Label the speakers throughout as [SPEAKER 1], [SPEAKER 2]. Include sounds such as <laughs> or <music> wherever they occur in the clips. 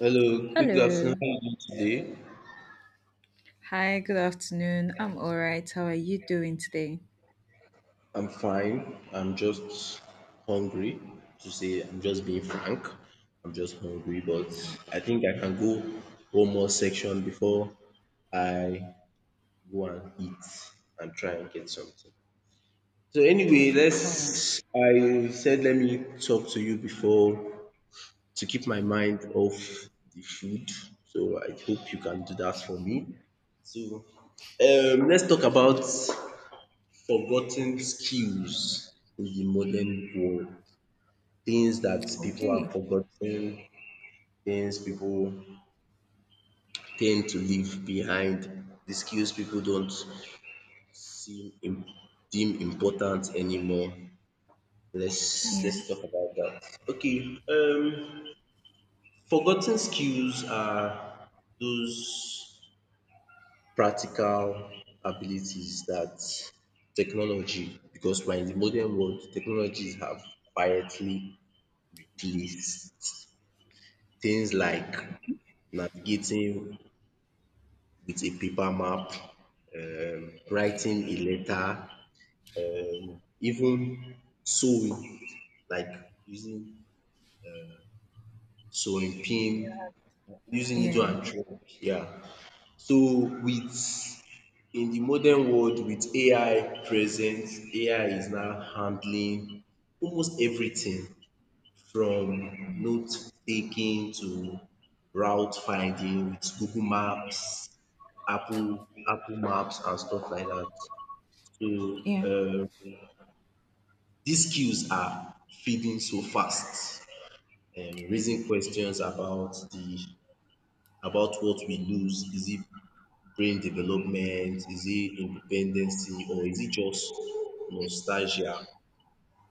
[SPEAKER 1] Hello, good afternoon.
[SPEAKER 2] Hello.
[SPEAKER 1] How are you today?
[SPEAKER 2] Hi, good afternoon. I'm all right. How are you doing today?
[SPEAKER 1] I'm fine. I'm just hungry. To say, I'm just being frank. I'm just hungry, but
[SPEAKER 2] Oh,
[SPEAKER 1] I think I can go one more section before I go and eat and try and get something. So anyway,
[SPEAKER 2] all right.
[SPEAKER 1] let's. I said let me talk to you before to keep my mind off the food. So I hope you can do that for me. So let's talk about forgotten skills in the modern world. Things that people have
[SPEAKER 2] Okay.
[SPEAKER 1] forgotten, things people tend to leave behind, the skills people don't seem im deem important anymore. Let's
[SPEAKER 2] Yeah.
[SPEAKER 1] let's talk about that. Okay, um forgotten skills are those practical abilities that technology because we are in the modern world, technologies have quietly replace things like navigating with a paper map, writing a letter, even sewing, like using sewing pin, using needle
[SPEAKER 2] Yeah.
[SPEAKER 1] and thread. Yeah. So with in the modern world with AI present, AI is now handling almost everything from note taking to route finding with Google Maps, Apple Maps and stuff like that. So
[SPEAKER 2] Yeah.
[SPEAKER 1] um these skills are fading so fast and raising questions about the about what we lose. Is it brain development? Is it independency or is it just nostalgia?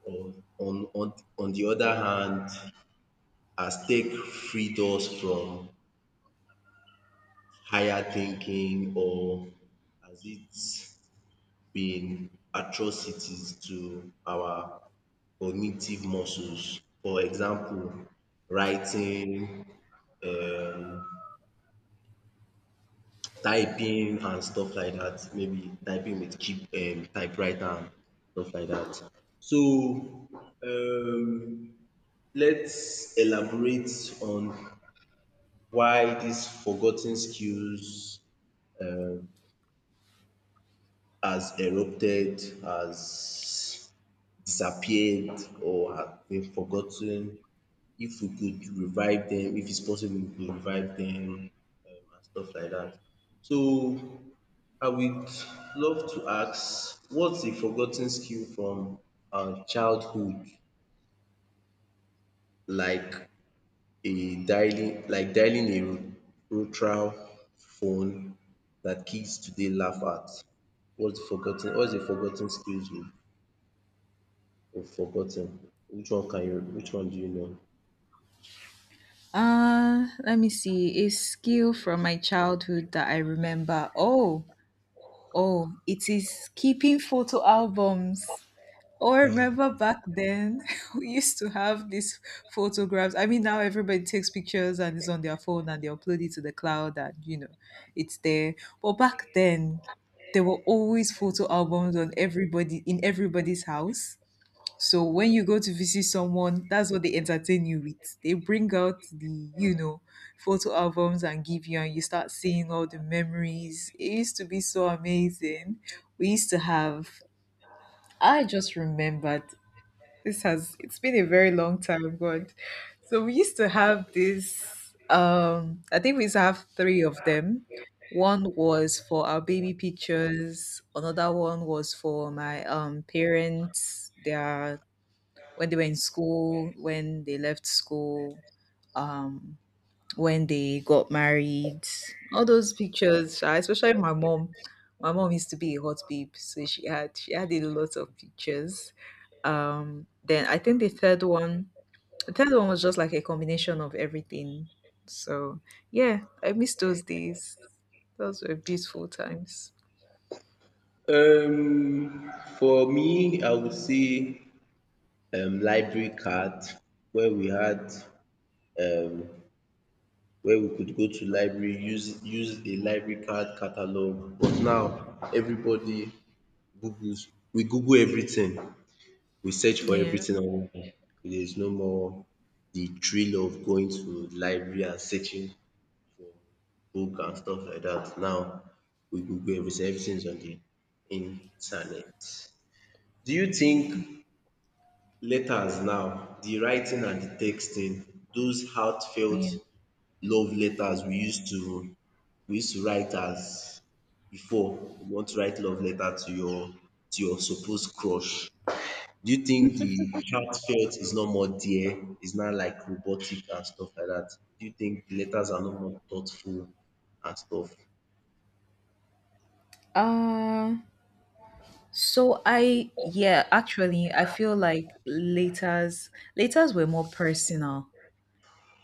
[SPEAKER 1] Or on the other hand, as tech freed us from higher thinking or has it been atrocities to our cognitive muscles? For example, writing, um typing and stuff like that, maybe typing with cheap typewriter and stuff like that. So um let's elaborate on why these forgotten skills um has erupted, has disappeared, or have been forgotten. If we could revive them, if it's possible, we could revive them, and stuff like that. So I would love to ask, what's a forgotten skill from our childhood, like a dialing, like dialing a rotary phone that kids today laugh at? What's the forgotten? What's the forgotten skills we you've forgotten. Which one can you which one do you know?
[SPEAKER 2] Let me see. A skill from my childhood that I remember. Oh, oh, it is keeping photo albums. Oh, I remember back then <laughs> we used to have these photographs. I mean, now everybody takes pictures and it's on their phone and they upload it to the cloud and it's there. But back then, there were always photo albums on everybody in everybody's house. So when you go to visit someone, that's what they entertain you with. They bring out the photo albums and give you, and you start seeing all the memories. It used to be so amazing. We used to have I just remembered. This has it's been a very long time, God. So we used to have this I think we used to have three of them. One was for our baby pictures, another one was for my parents, their when they were in school, when they left school, um when they got married. All those pictures, sha, especially my mom. My mom used to be a hot babe, so she had a lot of pictures. Then I think the third one was just like a combination of everything. So yeah, I miss those days. Those were beautiful times.
[SPEAKER 1] Um, for me, I would say library card, where we had um, where we could go to library, use the library card catalog. But now everybody Googles. We Google everything. We search for
[SPEAKER 2] Yeah,
[SPEAKER 1] everything online. There is no more the thrill of going to library and searching for book and stuff like that. Now we Google everything, everything's on the internet. Do you think letters now, the writing and the texting, those heartfelt
[SPEAKER 2] yeah.
[SPEAKER 1] love letters we used to write as before you want to write love letter to your supposed crush, do you think the heartfelt is not more dear, is not like robotic and stuff like that, do you think the letters are not more thoughtful and stuff?
[SPEAKER 2] Uh, so I Yeah, actually, I feel like letters were more personal.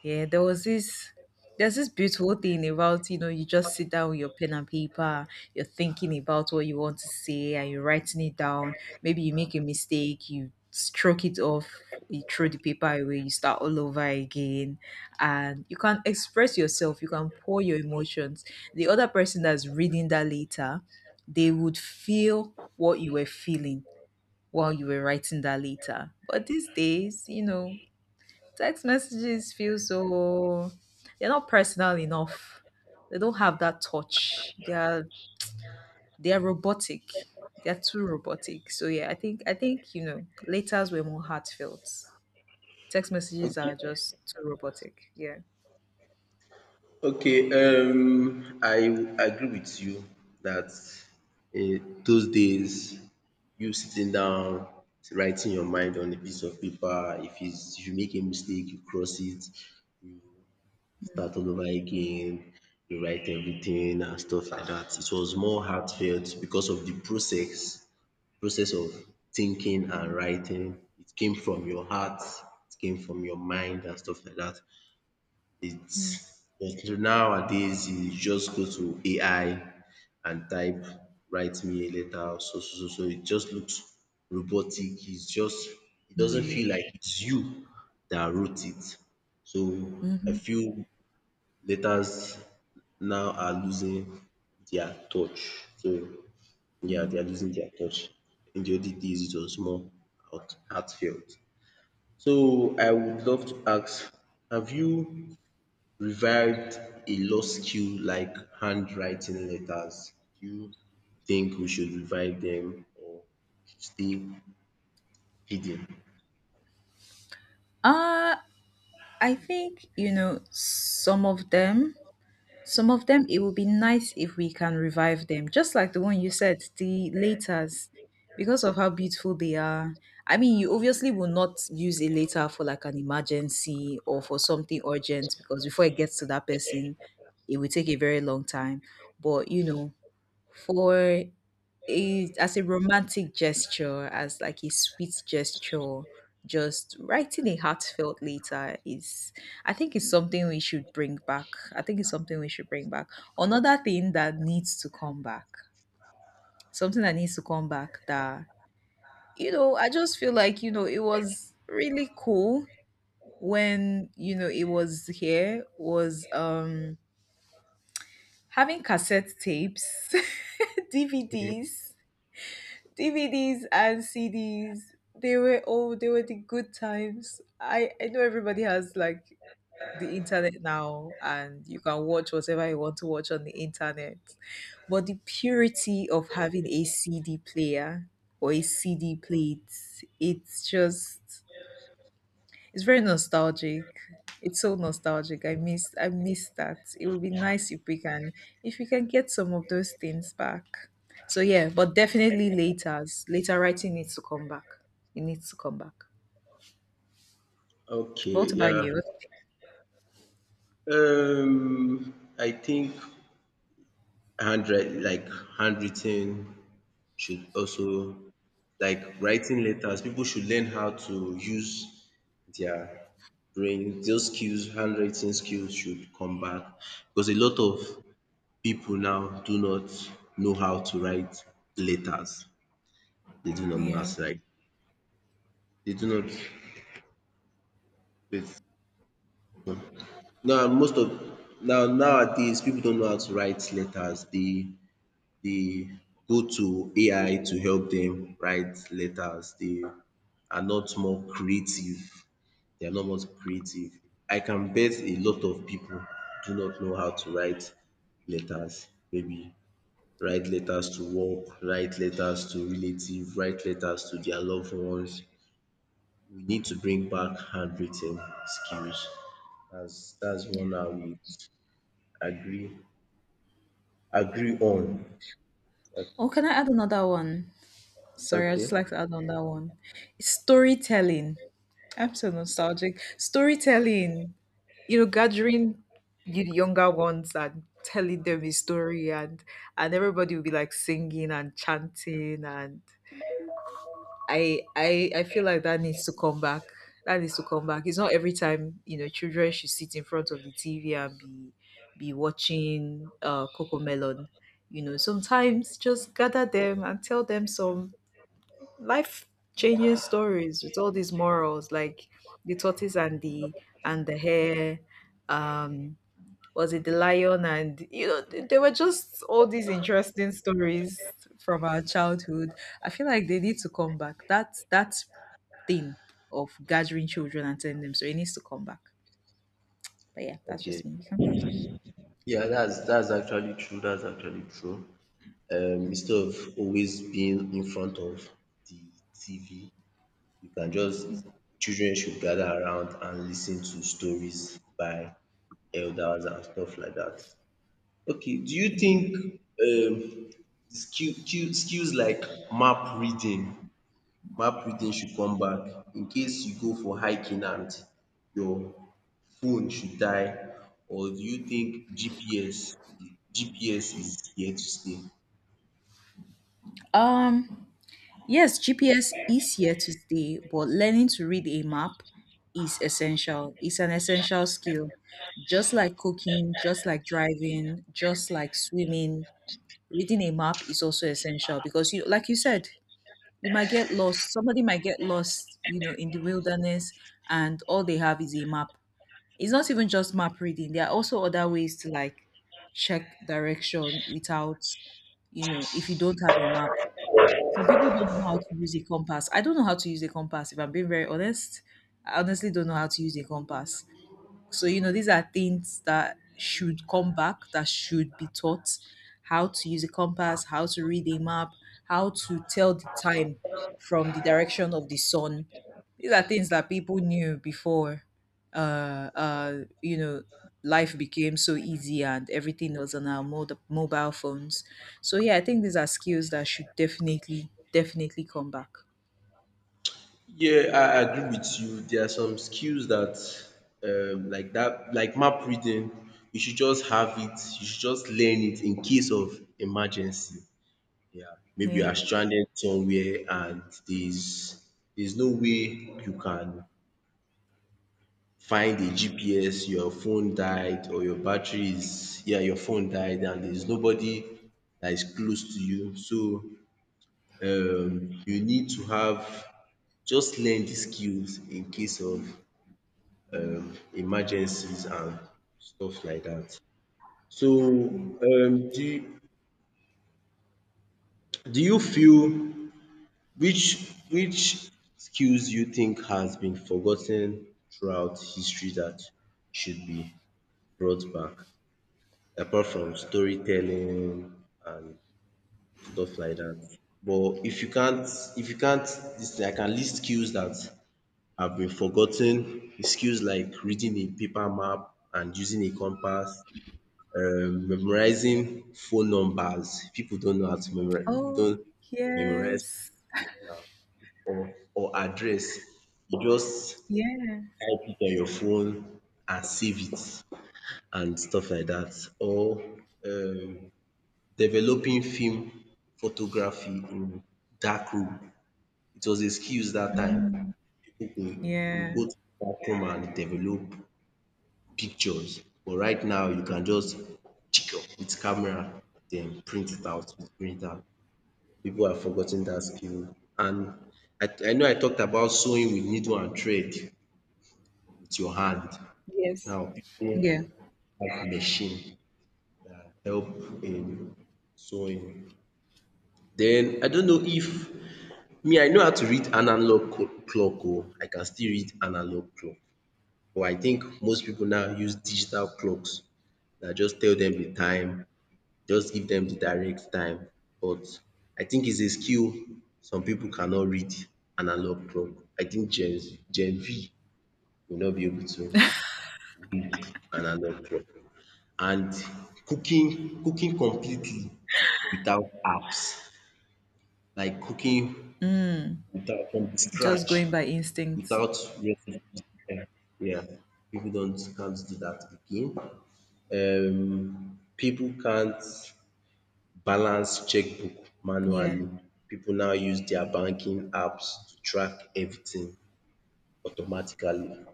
[SPEAKER 2] Yeah, there's this beautiful thing about, you just sit down with your pen and paper, you're thinking about what you want to say and you're writing it down. Maybe you make a mistake, you stroke it off, you throw the paper away, you start all over again. And you can express yourself, you can pour your emotions. The other person that's reading that later, they would feel what you were feeling while you were writing that later. But these days, text messages feel so. They're not personal enough. They don't have that touch. They are robotic. They are too robotic. So yeah, I think letters were more heartfelt. Text messages are just too robotic. Yeah.
[SPEAKER 1] Okay, I agree with you that those days you sitting down writing your mind on a piece of paper if is if you make a mistake you cross it, you start all over again, you write everything and stuff like that. It was more heartfelt because of the process of thinking and writing. It came from your heart, it came from your mind and stuff like that. It's like nowadays you just go to AI and type write me a letter so so so so it just looks robotic, it's just it doesn't feel like it's you that wrote it. So I feel letters now are losing their touch. So yeah, they are losing their touch. In the olden days it was more heartfelt. So I would love to ask, have you revived a lost skill like handwriting letters? Do you think we should revive them or we should stay hidden?
[SPEAKER 2] Uh I think some of them. Some of them, it would be nice if we can revive them, just like the one you said, the laters, because of how beautiful they are. I mean, you obviously will not use a later for like an emergency or for something urgent because before it gets to that person, it will take a very long time. But you know, for a as a romantic gesture, as like a sweet gesture, just writing a heartfelt letter is I think it's something we should bring back. I think it's something we should bring back. Another thing that needs to come back. Something that needs to come back, that I just feel like, it was really cool when, you know, it was here was having cassette tapes, <laughs> DVDs DVDs and CDs, they were the good times. I know everybody has like the internet now and you can watch whatever you want to watch on the internet. But the purity of having a CD player or a CD plate, it's just, it's very nostalgic. It's so nostalgic. I miss that. It would be nice if we can get some of those things back. So yeah, but definitely later. Later writing needs to come back. It needs to come back. What
[SPEAKER 1] Okay,
[SPEAKER 2] about
[SPEAKER 1] yeah.
[SPEAKER 2] you? What do you think?
[SPEAKER 1] I think handwrite like handwritten should also, like writing letters. People should learn how to use their brain. Those skills, handwriting skills, should come back because a lot of people now do not know how to write letters. They do not know how
[SPEAKER 2] Yeah.
[SPEAKER 1] to write. They do not wait. Now most of Now nowadays people don't know how to write letters. They go to AI to help dem write letters. They are not more creative. They are not more creative. I can bet a lot of people do not know how to write letters. Maybe write letters to work, write letters to relatives, write letters to their loved ones. We need to bring back handwritten skills. That's one I would agree agree
[SPEAKER 2] Yeah.
[SPEAKER 1] on.
[SPEAKER 2] Oh, can I add another one? Sorry, I just
[SPEAKER 1] Okay.
[SPEAKER 2] like to add on that one. It's storytelling. I'm so nostalgic. Storytelling, gathering you the younger ones and telling them a story, and everybody will be like singing and chanting, and I feel like that needs to come back. That needs to come back. It's not every time, children should sit in front of the TV and be watching Coco Melon. Sometimes just gather them and tell them some life changing stories with all these morals, like the tortoise and the hare, um was it the lion? And they were just all these interesting stories from our childhood. I feel like they need to come back, that thing of gathering children and telling them. So it needs to come back. But yeah, that's just
[SPEAKER 1] Okay.
[SPEAKER 2] me. You can continue.
[SPEAKER 1] Yeah, that's actually true. That's actually true. Instead of always being in front of the TV, you can just children should gather around and listen to stories by elders and stuff like that. Okay, do you think
[SPEAKER 2] Yeah.
[SPEAKER 1] um skills like map reading map reading should come back in case you go for hiking and your phone should die, or do you think GPS is here to stay?
[SPEAKER 2] um Yes, GPS is here to stay, but learning to read a map is essential. It's an essential skill. Just like cooking, just like driving, just like swimming, reading a map is also essential because, you like you said, you might get lost. Somebody might get lost, in the wilderness, and all they have is a map. It's not even just map reading. There are also other ways to, like, check direction without, if you don't have a map. Some people don't know how to use a compass. I don't know how to use a compass, if I'm being very honest. I honestly don't know how to use a compass. So, these are things that should come back, that should be taught: how to use a compass, how to read a map, how to tell the time from the direction of the sun. These are things that people knew before, uh, uh, you know, life became so easy and everything was on our mobile phones. So yeah, I think these are skills that should definitely, definitely come back.
[SPEAKER 1] Yeah, I agree with you. There are some skills that like that like map reading, you should just have it, you should just learn it in case of emergency. Yeah, maybe you are
[SPEAKER 2] Yeah.
[SPEAKER 1] stranded somewhere and there's there's no way you can find a GPS, your phone died or your battery is yeah, your phone died and there's nobody that is close to you. So you need to have just learn the skills in case of emergencies and stuff like that. So um do do you feel which skills do you think has been forgotten throughout history that should be brought back apart from storytelling and stuff like that? But if you can't this thing I can list skills that have been forgotten, skills like reading a paper map and using a compass, memorizing phone numbers. People don't know how to memorize people
[SPEAKER 2] Oh,
[SPEAKER 1] don't memorize
[SPEAKER 2] yes.
[SPEAKER 1] or address. You just
[SPEAKER 2] Yeah.
[SPEAKER 1] type it on your phone and save it and stuff like that. Or um developing film photography in dark room. It was a skills that time. Pipu would
[SPEAKER 2] Yeah.
[SPEAKER 1] go to dark room and develop pictures but right now you can just check up with camera then print it out with printer. People have forgot that skill. And I know I talked about sewing with needle and thread with your hand. Now people
[SPEAKER 2] Yeah.
[SPEAKER 1] have machine that help in sewing. Then I don't know if, me I know how to read clock. Oh, I can still read analog clock but I think most people now use digital clocks that just tell them the time, just give them the direct time but I think it's a skill some people cannot read analog clock. I think gen V will not be able to. And another drug. And cooking completely without apps, like cooking without from
[SPEAKER 2] Just
[SPEAKER 1] scratch
[SPEAKER 2] going by instinct.
[SPEAKER 1] without re- yeah, people don't can't do that again. People can't balance checkbook
[SPEAKER 2] Yeah,
[SPEAKER 1] manually. People now use their banking apps to track everything automatically.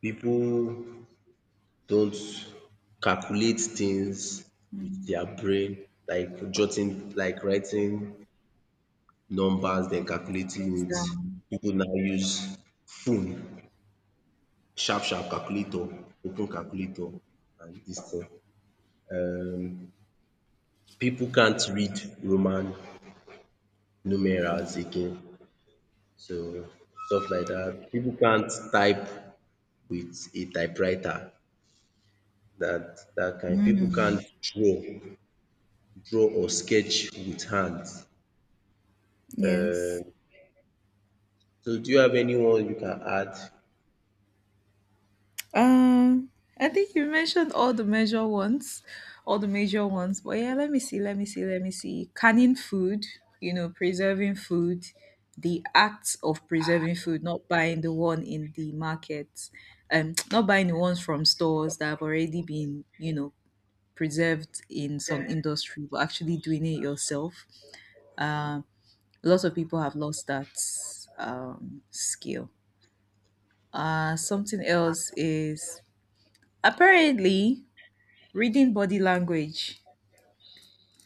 [SPEAKER 1] People don't calculate things with their brain like jotting like writing numbers then
[SPEAKER 2] things
[SPEAKER 1] calculating it.
[SPEAKER 2] down.
[SPEAKER 1] People now use phone sharp calculator, open calculator and this thing. Um Pipu can't read Roman numerals again, so stuff like that. People can't type with a typewriter. That kind. People
[SPEAKER 2] Mm,
[SPEAKER 1] can't draw or sketch with hands.
[SPEAKER 2] yes.
[SPEAKER 1] Um so do you have anyone you can add?
[SPEAKER 2] Um, I think you mentioned all the major ones, all the major ones. But yeah, let me see, let me see, let me see. Canning food, preserving food, the act of preserving food, not buying the one in the market, <tsk> not buying the ones from stores that have already been, preserved in some industry, but actually doing it yourself. Um, Lots of people have lost that skill. Something else is apparently reading body language.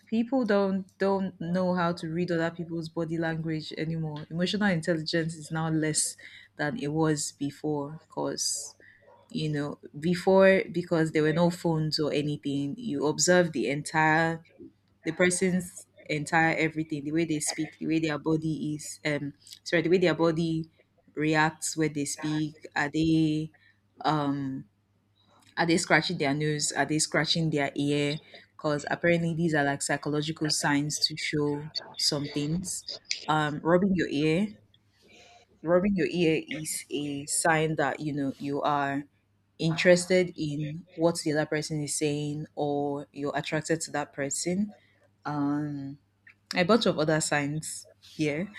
[SPEAKER 2] People don't know how to read other people's body language anymore. Emotional intelligence is now less than it was before, cause you know before because there were no phones or anything. You observe the person's entire everything, the way they speak, the way their body is, sorry, the way their body reacts when they speak. Um are they scratching their nose? Are they scratching their ear? Because apparently these are like psychological signs to show some things. Um, rubbing your ear, rubbing your ear is a sign that you are interested in what the other person is saying, or you're attracted to that person. Um, a bunch of other signs here.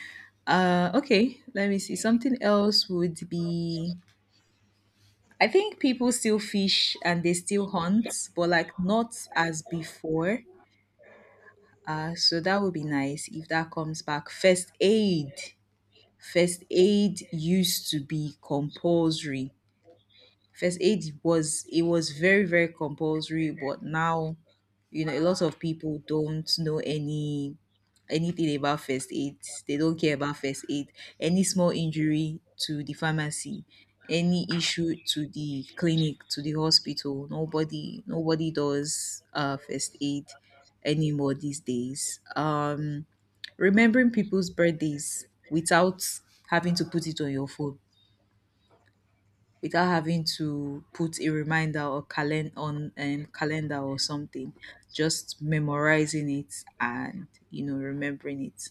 [SPEAKER 2] Okay, let me see. Something else would be, I think, people still fish and they still hunt, but like not as before. So that would be nice if that comes back. First aid. First aid used to be compulsory. First aid was very, very compulsory, but now a lot of people don't know anything about first aid. They don't care about first aid. Any small injury, to the pharmacy. Any issue, to the clinic, to the hospital. Nobody does first aid anymore these days. Remembering people's birthdays without having to put it on your phone, without having to put a reminder, or on calendar or something, just memorizing it and remembering it.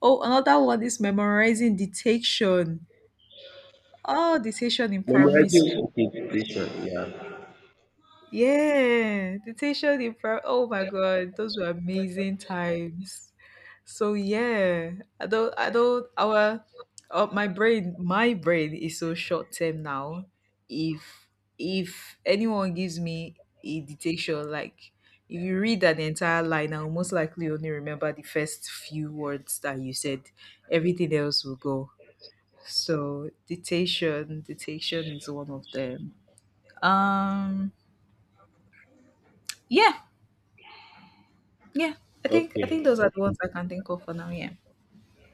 [SPEAKER 2] Oh, another one is memorizing dictation. Oh, dictation in primary
[SPEAKER 1] Memorizing
[SPEAKER 2] school.
[SPEAKER 1] dictation, yeah.
[SPEAKER 2] Yeah, dictation in primary. Oh my god, those were amazing times. So yeah, I don't our my brain is so short term now. If if anyone gives me a dictation, like if you read that entire line, I'll most likely only remember the first few words that you said. Everything else will go. So dictation is one of them. Um yeah, yeah. I think
[SPEAKER 1] Okay.
[SPEAKER 2] those are the ones I can think of for now, yeah.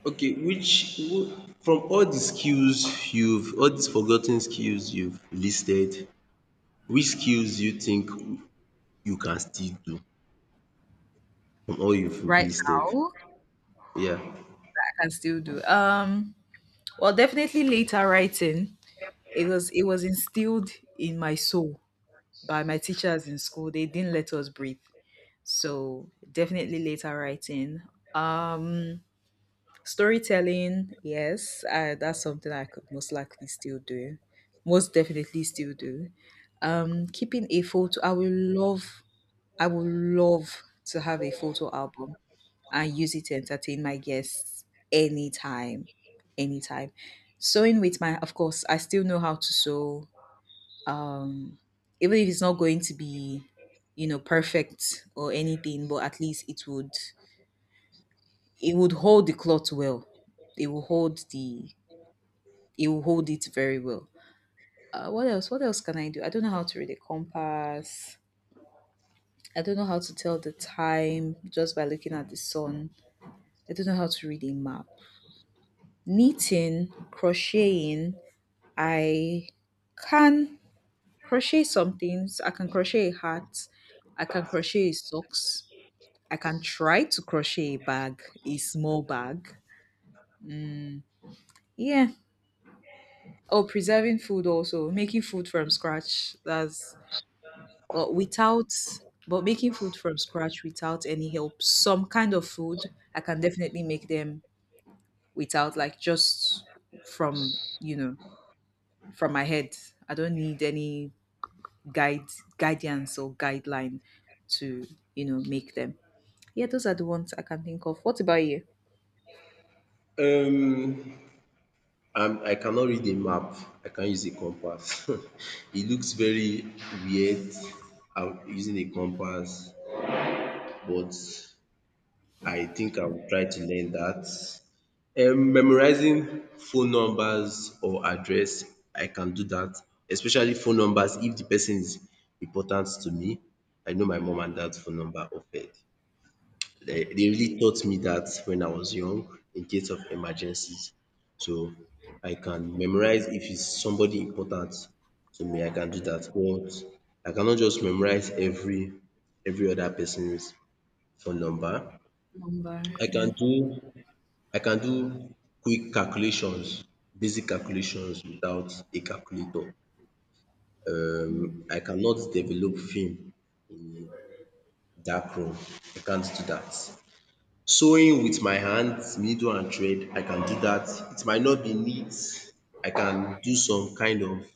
[SPEAKER 1] Okay, from all these forgotten skills you've listed, which skills do you think you can still do from all you've
[SPEAKER 2] Right
[SPEAKER 1] listed?
[SPEAKER 2] now
[SPEAKER 1] Yeah.
[SPEAKER 2] I can still do. Well, definitely later writing. It was instilled in my soul by my teachers in school. They didn't let us breathe. So definitely later writing. Um storytelling, yes, that's something I could most likely still do. Most definitely still do. Keeping a photo. I would love to have a photo album. I use it to entertain my guests anytime, anytime. Sewing with of course, I still know how to sew. Um, even if it's not going to be, perfect or anything, but at least it would hold the cloth well. It will hold it very well. What else? What else can I do? I don't know how to read a compass. I don't know how to tell the time just by looking at the sun. I don't know how to read a map. Knitting, crocheting, I can crochet some things. I can crochet a hat. I can crochet socks. I can try to crochet a bag, a small bag. Yeah. Oh, preserving food also, making food from scratch. That's but without but making food from scratch without any help. Some kind of food I can definitely make them without, like, just from you know from my head. I don't need any guide guidance or guideline to make them. Yeah, those are the ones I can think of. What about you?
[SPEAKER 1] Um I cannot read a map. I can use a compass. <laughs> It looks very weird I'm using a compass, but I think I will try to learn that. Memorizing phone numbers or address, I can do that, especially phone numbers if the person is important to me. I know my mom and dad's phone number off head. They really taught me that when I was young in case of emergencies. So I can memorize if it's somebody important to me, I can do that. But I cannot just memorize every other person's phone number.
[SPEAKER 2] Number.
[SPEAKER 1] I can
[SPEAKER 2] Yeah.
[SPEAKER 1] do I can do quick calculations, basic calculations without a calculator. I cannot develop film in dark room. I can't do that. Sewing with my hands, needle and thread, I can do that. It might not be neat. I can do some kind of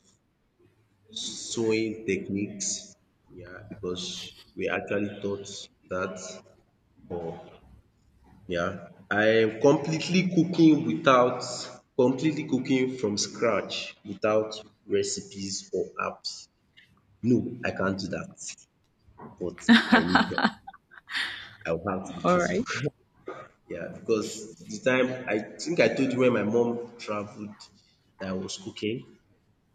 [SPEAKER 1] sewing techniques, yeah, because we actually taught that, but yeah, I am completely cooking without completely cooking from scratch without recipes or apps. No, I can't do that, but I need help. I will have to be
[SPEAKER 2] All
[SPEAKER 1] truthful.
[SPEAKER 2] right.
[SPEAKER 1] <laughs> Yeah, because the time I think I told you when my mom traveled that I was cooking.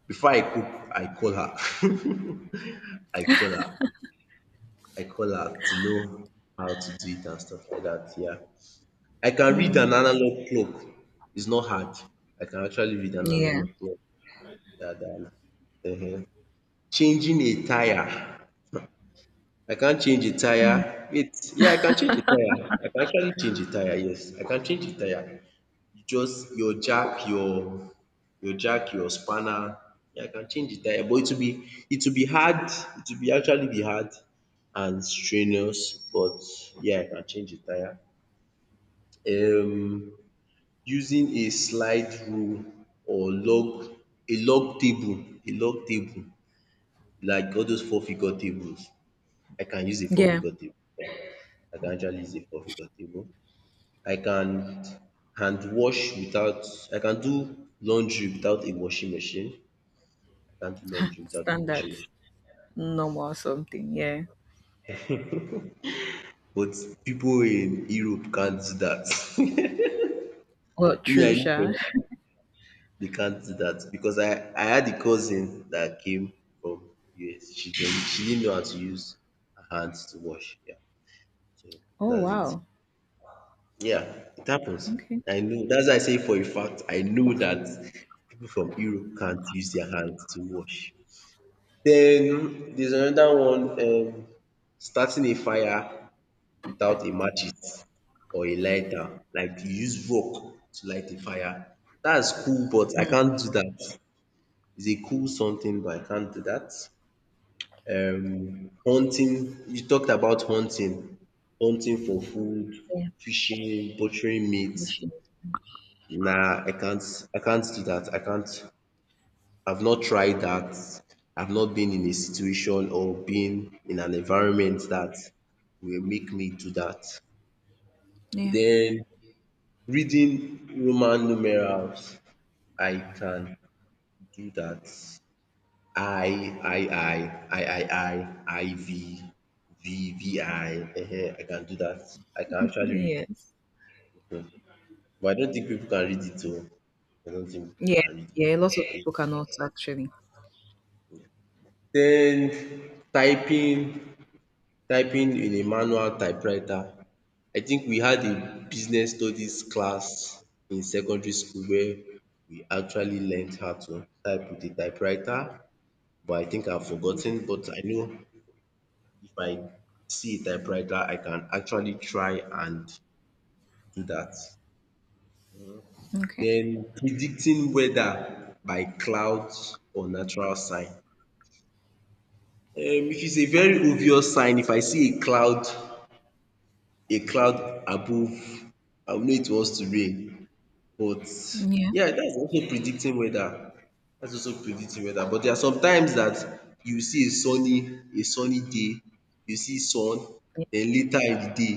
[SPEAKER 1] Before I cook, I call her. <laughs> I call her. I call her to know how to do it and stuff like that. Yeah. I can read
[SPEAKER 2] Mm.
[SPEAKER 1] an analog clock. It's not hard. I can actually read an
[SPEAKER 2] Yeah,
[SPEAKER 1] analog clock. Yeah, that um changing a tyre. I can't change a tyre. Wait, yeah, I can change a tyre. I can actually change a tyre, yes. I can change a tyre. You just your jack, your spanner. Yeah, I can change a tyre but it will be hard, it will be actually be hard and strenuous but yeah, I can change a tyre. Um Using a slide rule or log a log table like all those four figure tables. I can use a four
[SPEAKER 2] yeah.
[SPEAKER 1] figure table. I can actually use a four figure table. I can hand wash without I can do laundry without a washing machine. I can do laundry without a
[SPEAKER 2] Standard.
[SPEAKER 1] washing machine
[SPEAKER 2] Normal something. Yeah.
[SPEAKER 1] But people in Europe can't do that.
[SPEAKER 2] Well,
[SPEAKER 1] <laughs> Me I
[SPEAKER 2] true. Sure.
[SPEAKER 1] use they can't do that because I had a cousin that came from US. She didn't know how to use her hands to wash. Yeah. So
[SPEAKER 2] Oh,
[SPEAKER 1] that's it.
[SPEAKER 2] wow.
[SPEAKER 1] Yeah, it happens.
[SPEAKER 2] Okay.
[SPEAKER 1] I know that's why I say for a fact I know that people from Europe can't use their hands to wash. Then there's another one. Starting a fire without a matches or a lighter. Like you use rock to light a fire. That's cool but I can't do that. Is a cool something but I can't do that. Hunting, you talked about hunting, hunting for food,
[SPEAKER 2] Yeah.
[SPEAKER 1] fishing, butchering meat.
[SPEAKER 2] Machine.
[SPEAKER 1] Nah, I can't do that. I can't. I've not tried that. I've not been in a situation or been in an environment that will make me do that.
[SPEAKER 2] Yeah.
[SPEAKER 1] Then reading Roman numerals, I can do that. I, I, I, I, I, I, I, V, V, V, I. Ehen, I can do that. I can actually read
[SPEAKER 2] Yes.
[SPEAKER 1] it. Mhm. But I don't think people can read it too. I don't think people
[SPEAKER 2] Yeah,
[SPEAKER 1] can read
[SPEAKER 2] yeah. Lots of
[SPEAKER 1] it.
[SPEAKER 2] people cannot actually.
[SPEAKER 1] Then typing, typing in a manual typewriter. I think we had a business studies class in secondary school where we actually learned how to type with a typewriter. But I think I've forgotten, but I know if I see a typewriter, I can actually try and do that.
[SPEAKER 2] Okay.
[SPEAKER 1] Then predicting weather by clouds or natural sign. If it's a very obvious sign, if I see a cloud above, I will know it wants to rain. But
[SPEAKER 2] Yeah,
[SPEAKER 1] yeah, that's also predicting weather. That's also predicting weather. But there are some times that you see a sunny day, you see sun,
[SPEAKER 2] yeah.
[SPEAKER 1] then later in the day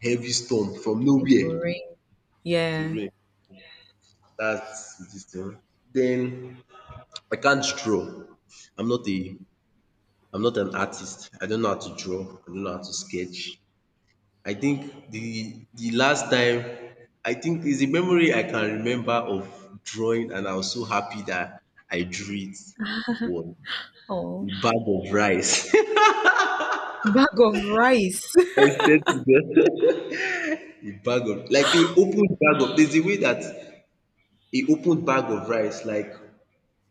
[SPEAKER 1] heavy storm from
[SPEAKER 2] It
[SPEAKER 1] nowhere,
[SPEAKER 2] will.
[SPEAKER 1] it will
[SPEAKER 2] Yeah.
[SPEAKER 1] rain. That's this thing. Then I can't draw. I'm not a I'm not an artist. I don't know how to draw. I don't know how to sketch. I think the last time, I think, is a memory I can remember of drawing and I was so happy that I drew. It was a
[SPEAKER 2] Oh,
[SPEAKER 1] bag of rice. <laughs>
[SPEAKER 2] bag of rice.
[SPEAKER 1] I said to God, <laughs> a bag of like a open bag of, there's a way that a open bag of rice, like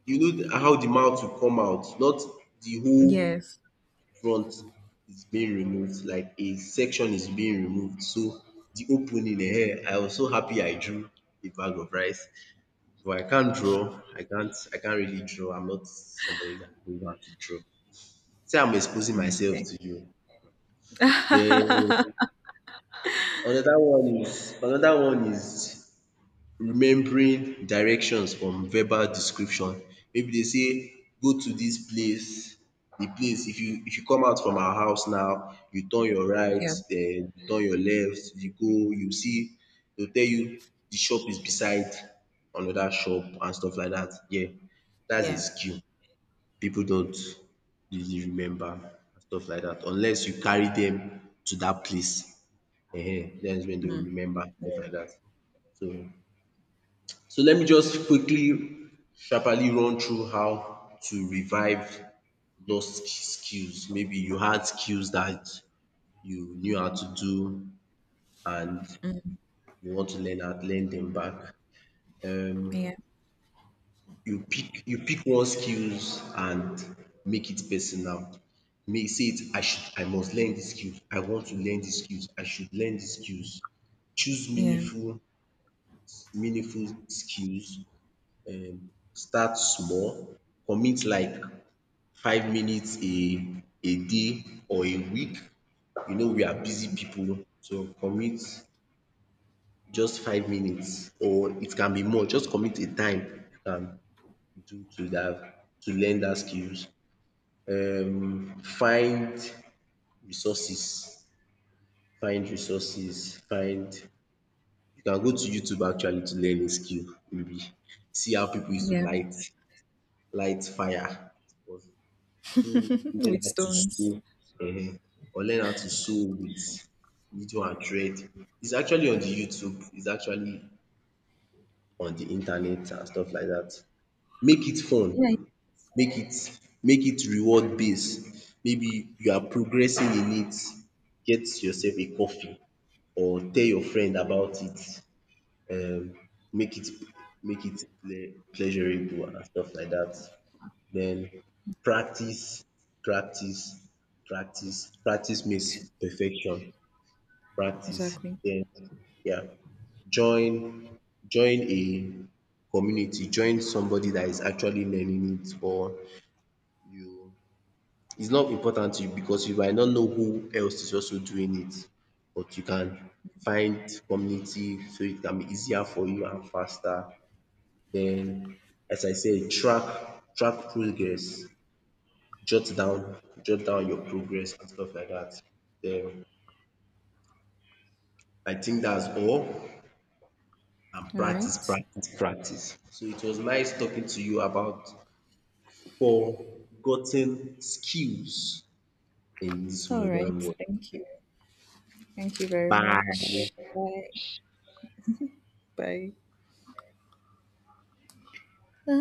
[SPEAKER 1] you know the how the mouth will come out, not the
[SPEAKER 2] <laughs>
[SPEAKER 1] whole
[SPEAKER 2] Yes.
[SPEAKER 1] front is being removed, like a section is being removed, so the opening, I was so happy I drew a bag of rice. But I can't draw. I can't really draw. I'm not somebody that knows how to draw. Say I'm exposing myself
[SPEAKER 2] Okay.
[SPEAKER 1] to you. Then
[SPEAKER 2] <laughs>
[SPEAKER 1] another one is remembering directions from verbal description. Maybe they say go to this place, the place, if you come out from our house now, you turn your right,
[SPEAKER 2] Yeah,
[SPEAKER 1] then you turn your left, you go, you see, they'll tell you the shop is beside another shop and stuff like that. Yeah, that's a
[SPEAKER 2] yeah,
[SPEAKER 1] skill. People don't really remember and stuff like that unless you carry them to that place. Ehen, that's when they will
[SPEAKER 2] mm,
[SPEAKER 1] remember stuff
[SPEAKER 2] yeah,
[SPEAKER 1] like that. So, so let me just quickly sharply run through how to revive lost sk- skills. Maybe you had skills that you knew how to do and you want to learn how learn them back. Um
[SPEAKER 2] yeah,
[SPEAKER 1] you pick one skills and make it personal. May say it I should I must learn this skills, I want to learn this skills, I should learn dis skills. Choose
[SPEAKER 2] yeah,
[SPEAKER 1] meaningful meaningful skills. Start small, commit like 5 minutes a day or a week. You know we are busy people, so commit just 5 minutes or it can be more, just commit a time you can do to dat to learn dat skills. Find resources, find you can go to YouTube actually to learn a skill maybe. See how people used to
[SPEAKER 2] yeah.
[SPEAKER 1] light light fire or do
[SPEAKER 2] <laughs>
[SPEAKER 1] learn
[SPEAKER 2] With
[SPEAKER 1] how to
[SPEAKER 2] stones.
[SPEAKER 1] sew um or learn how to sew with needle and thread. It's actually on the YouTube, it's actually on the internet and stuff like that. Make it
[SPEAKER 2] Yeah,
[SPEAKER 1] fun, make it reward based, maybe you are progressing in it, get yourself a coffee or tell your friend about it, um make it make it pleasurable and stuff like that. Then practice, practice, practice, practice
[SPEAKER 2] it-
[SPEAKER 1] means perfection, practice,
[SPEAKER 2] exactly.
[SPEAKER 1] then yeah, join join a community, join somebody that is actually learning it, or you it's not important to you because you might not know who else is also doing it, but you can find community so it can be easier for you and faster. Then as I said, track progress, jot down jot down your progress and stuff like that. Then I think that's all and
[SPEAKER 2] All
[SPEAKER 1] practice,
[SPEAKER 2] right.
[SPEAKER 1] practice, practice. So it was nice talking to you about forgotten skills in this
[SPEAKER 2] All right.
[SPEAKER 1] modern world.
[SPEAKER 2] Thank you. Thank you very much.
[SPEAKER 1] Bye.
[SPEAKER 2] Bye. Bye. Bye.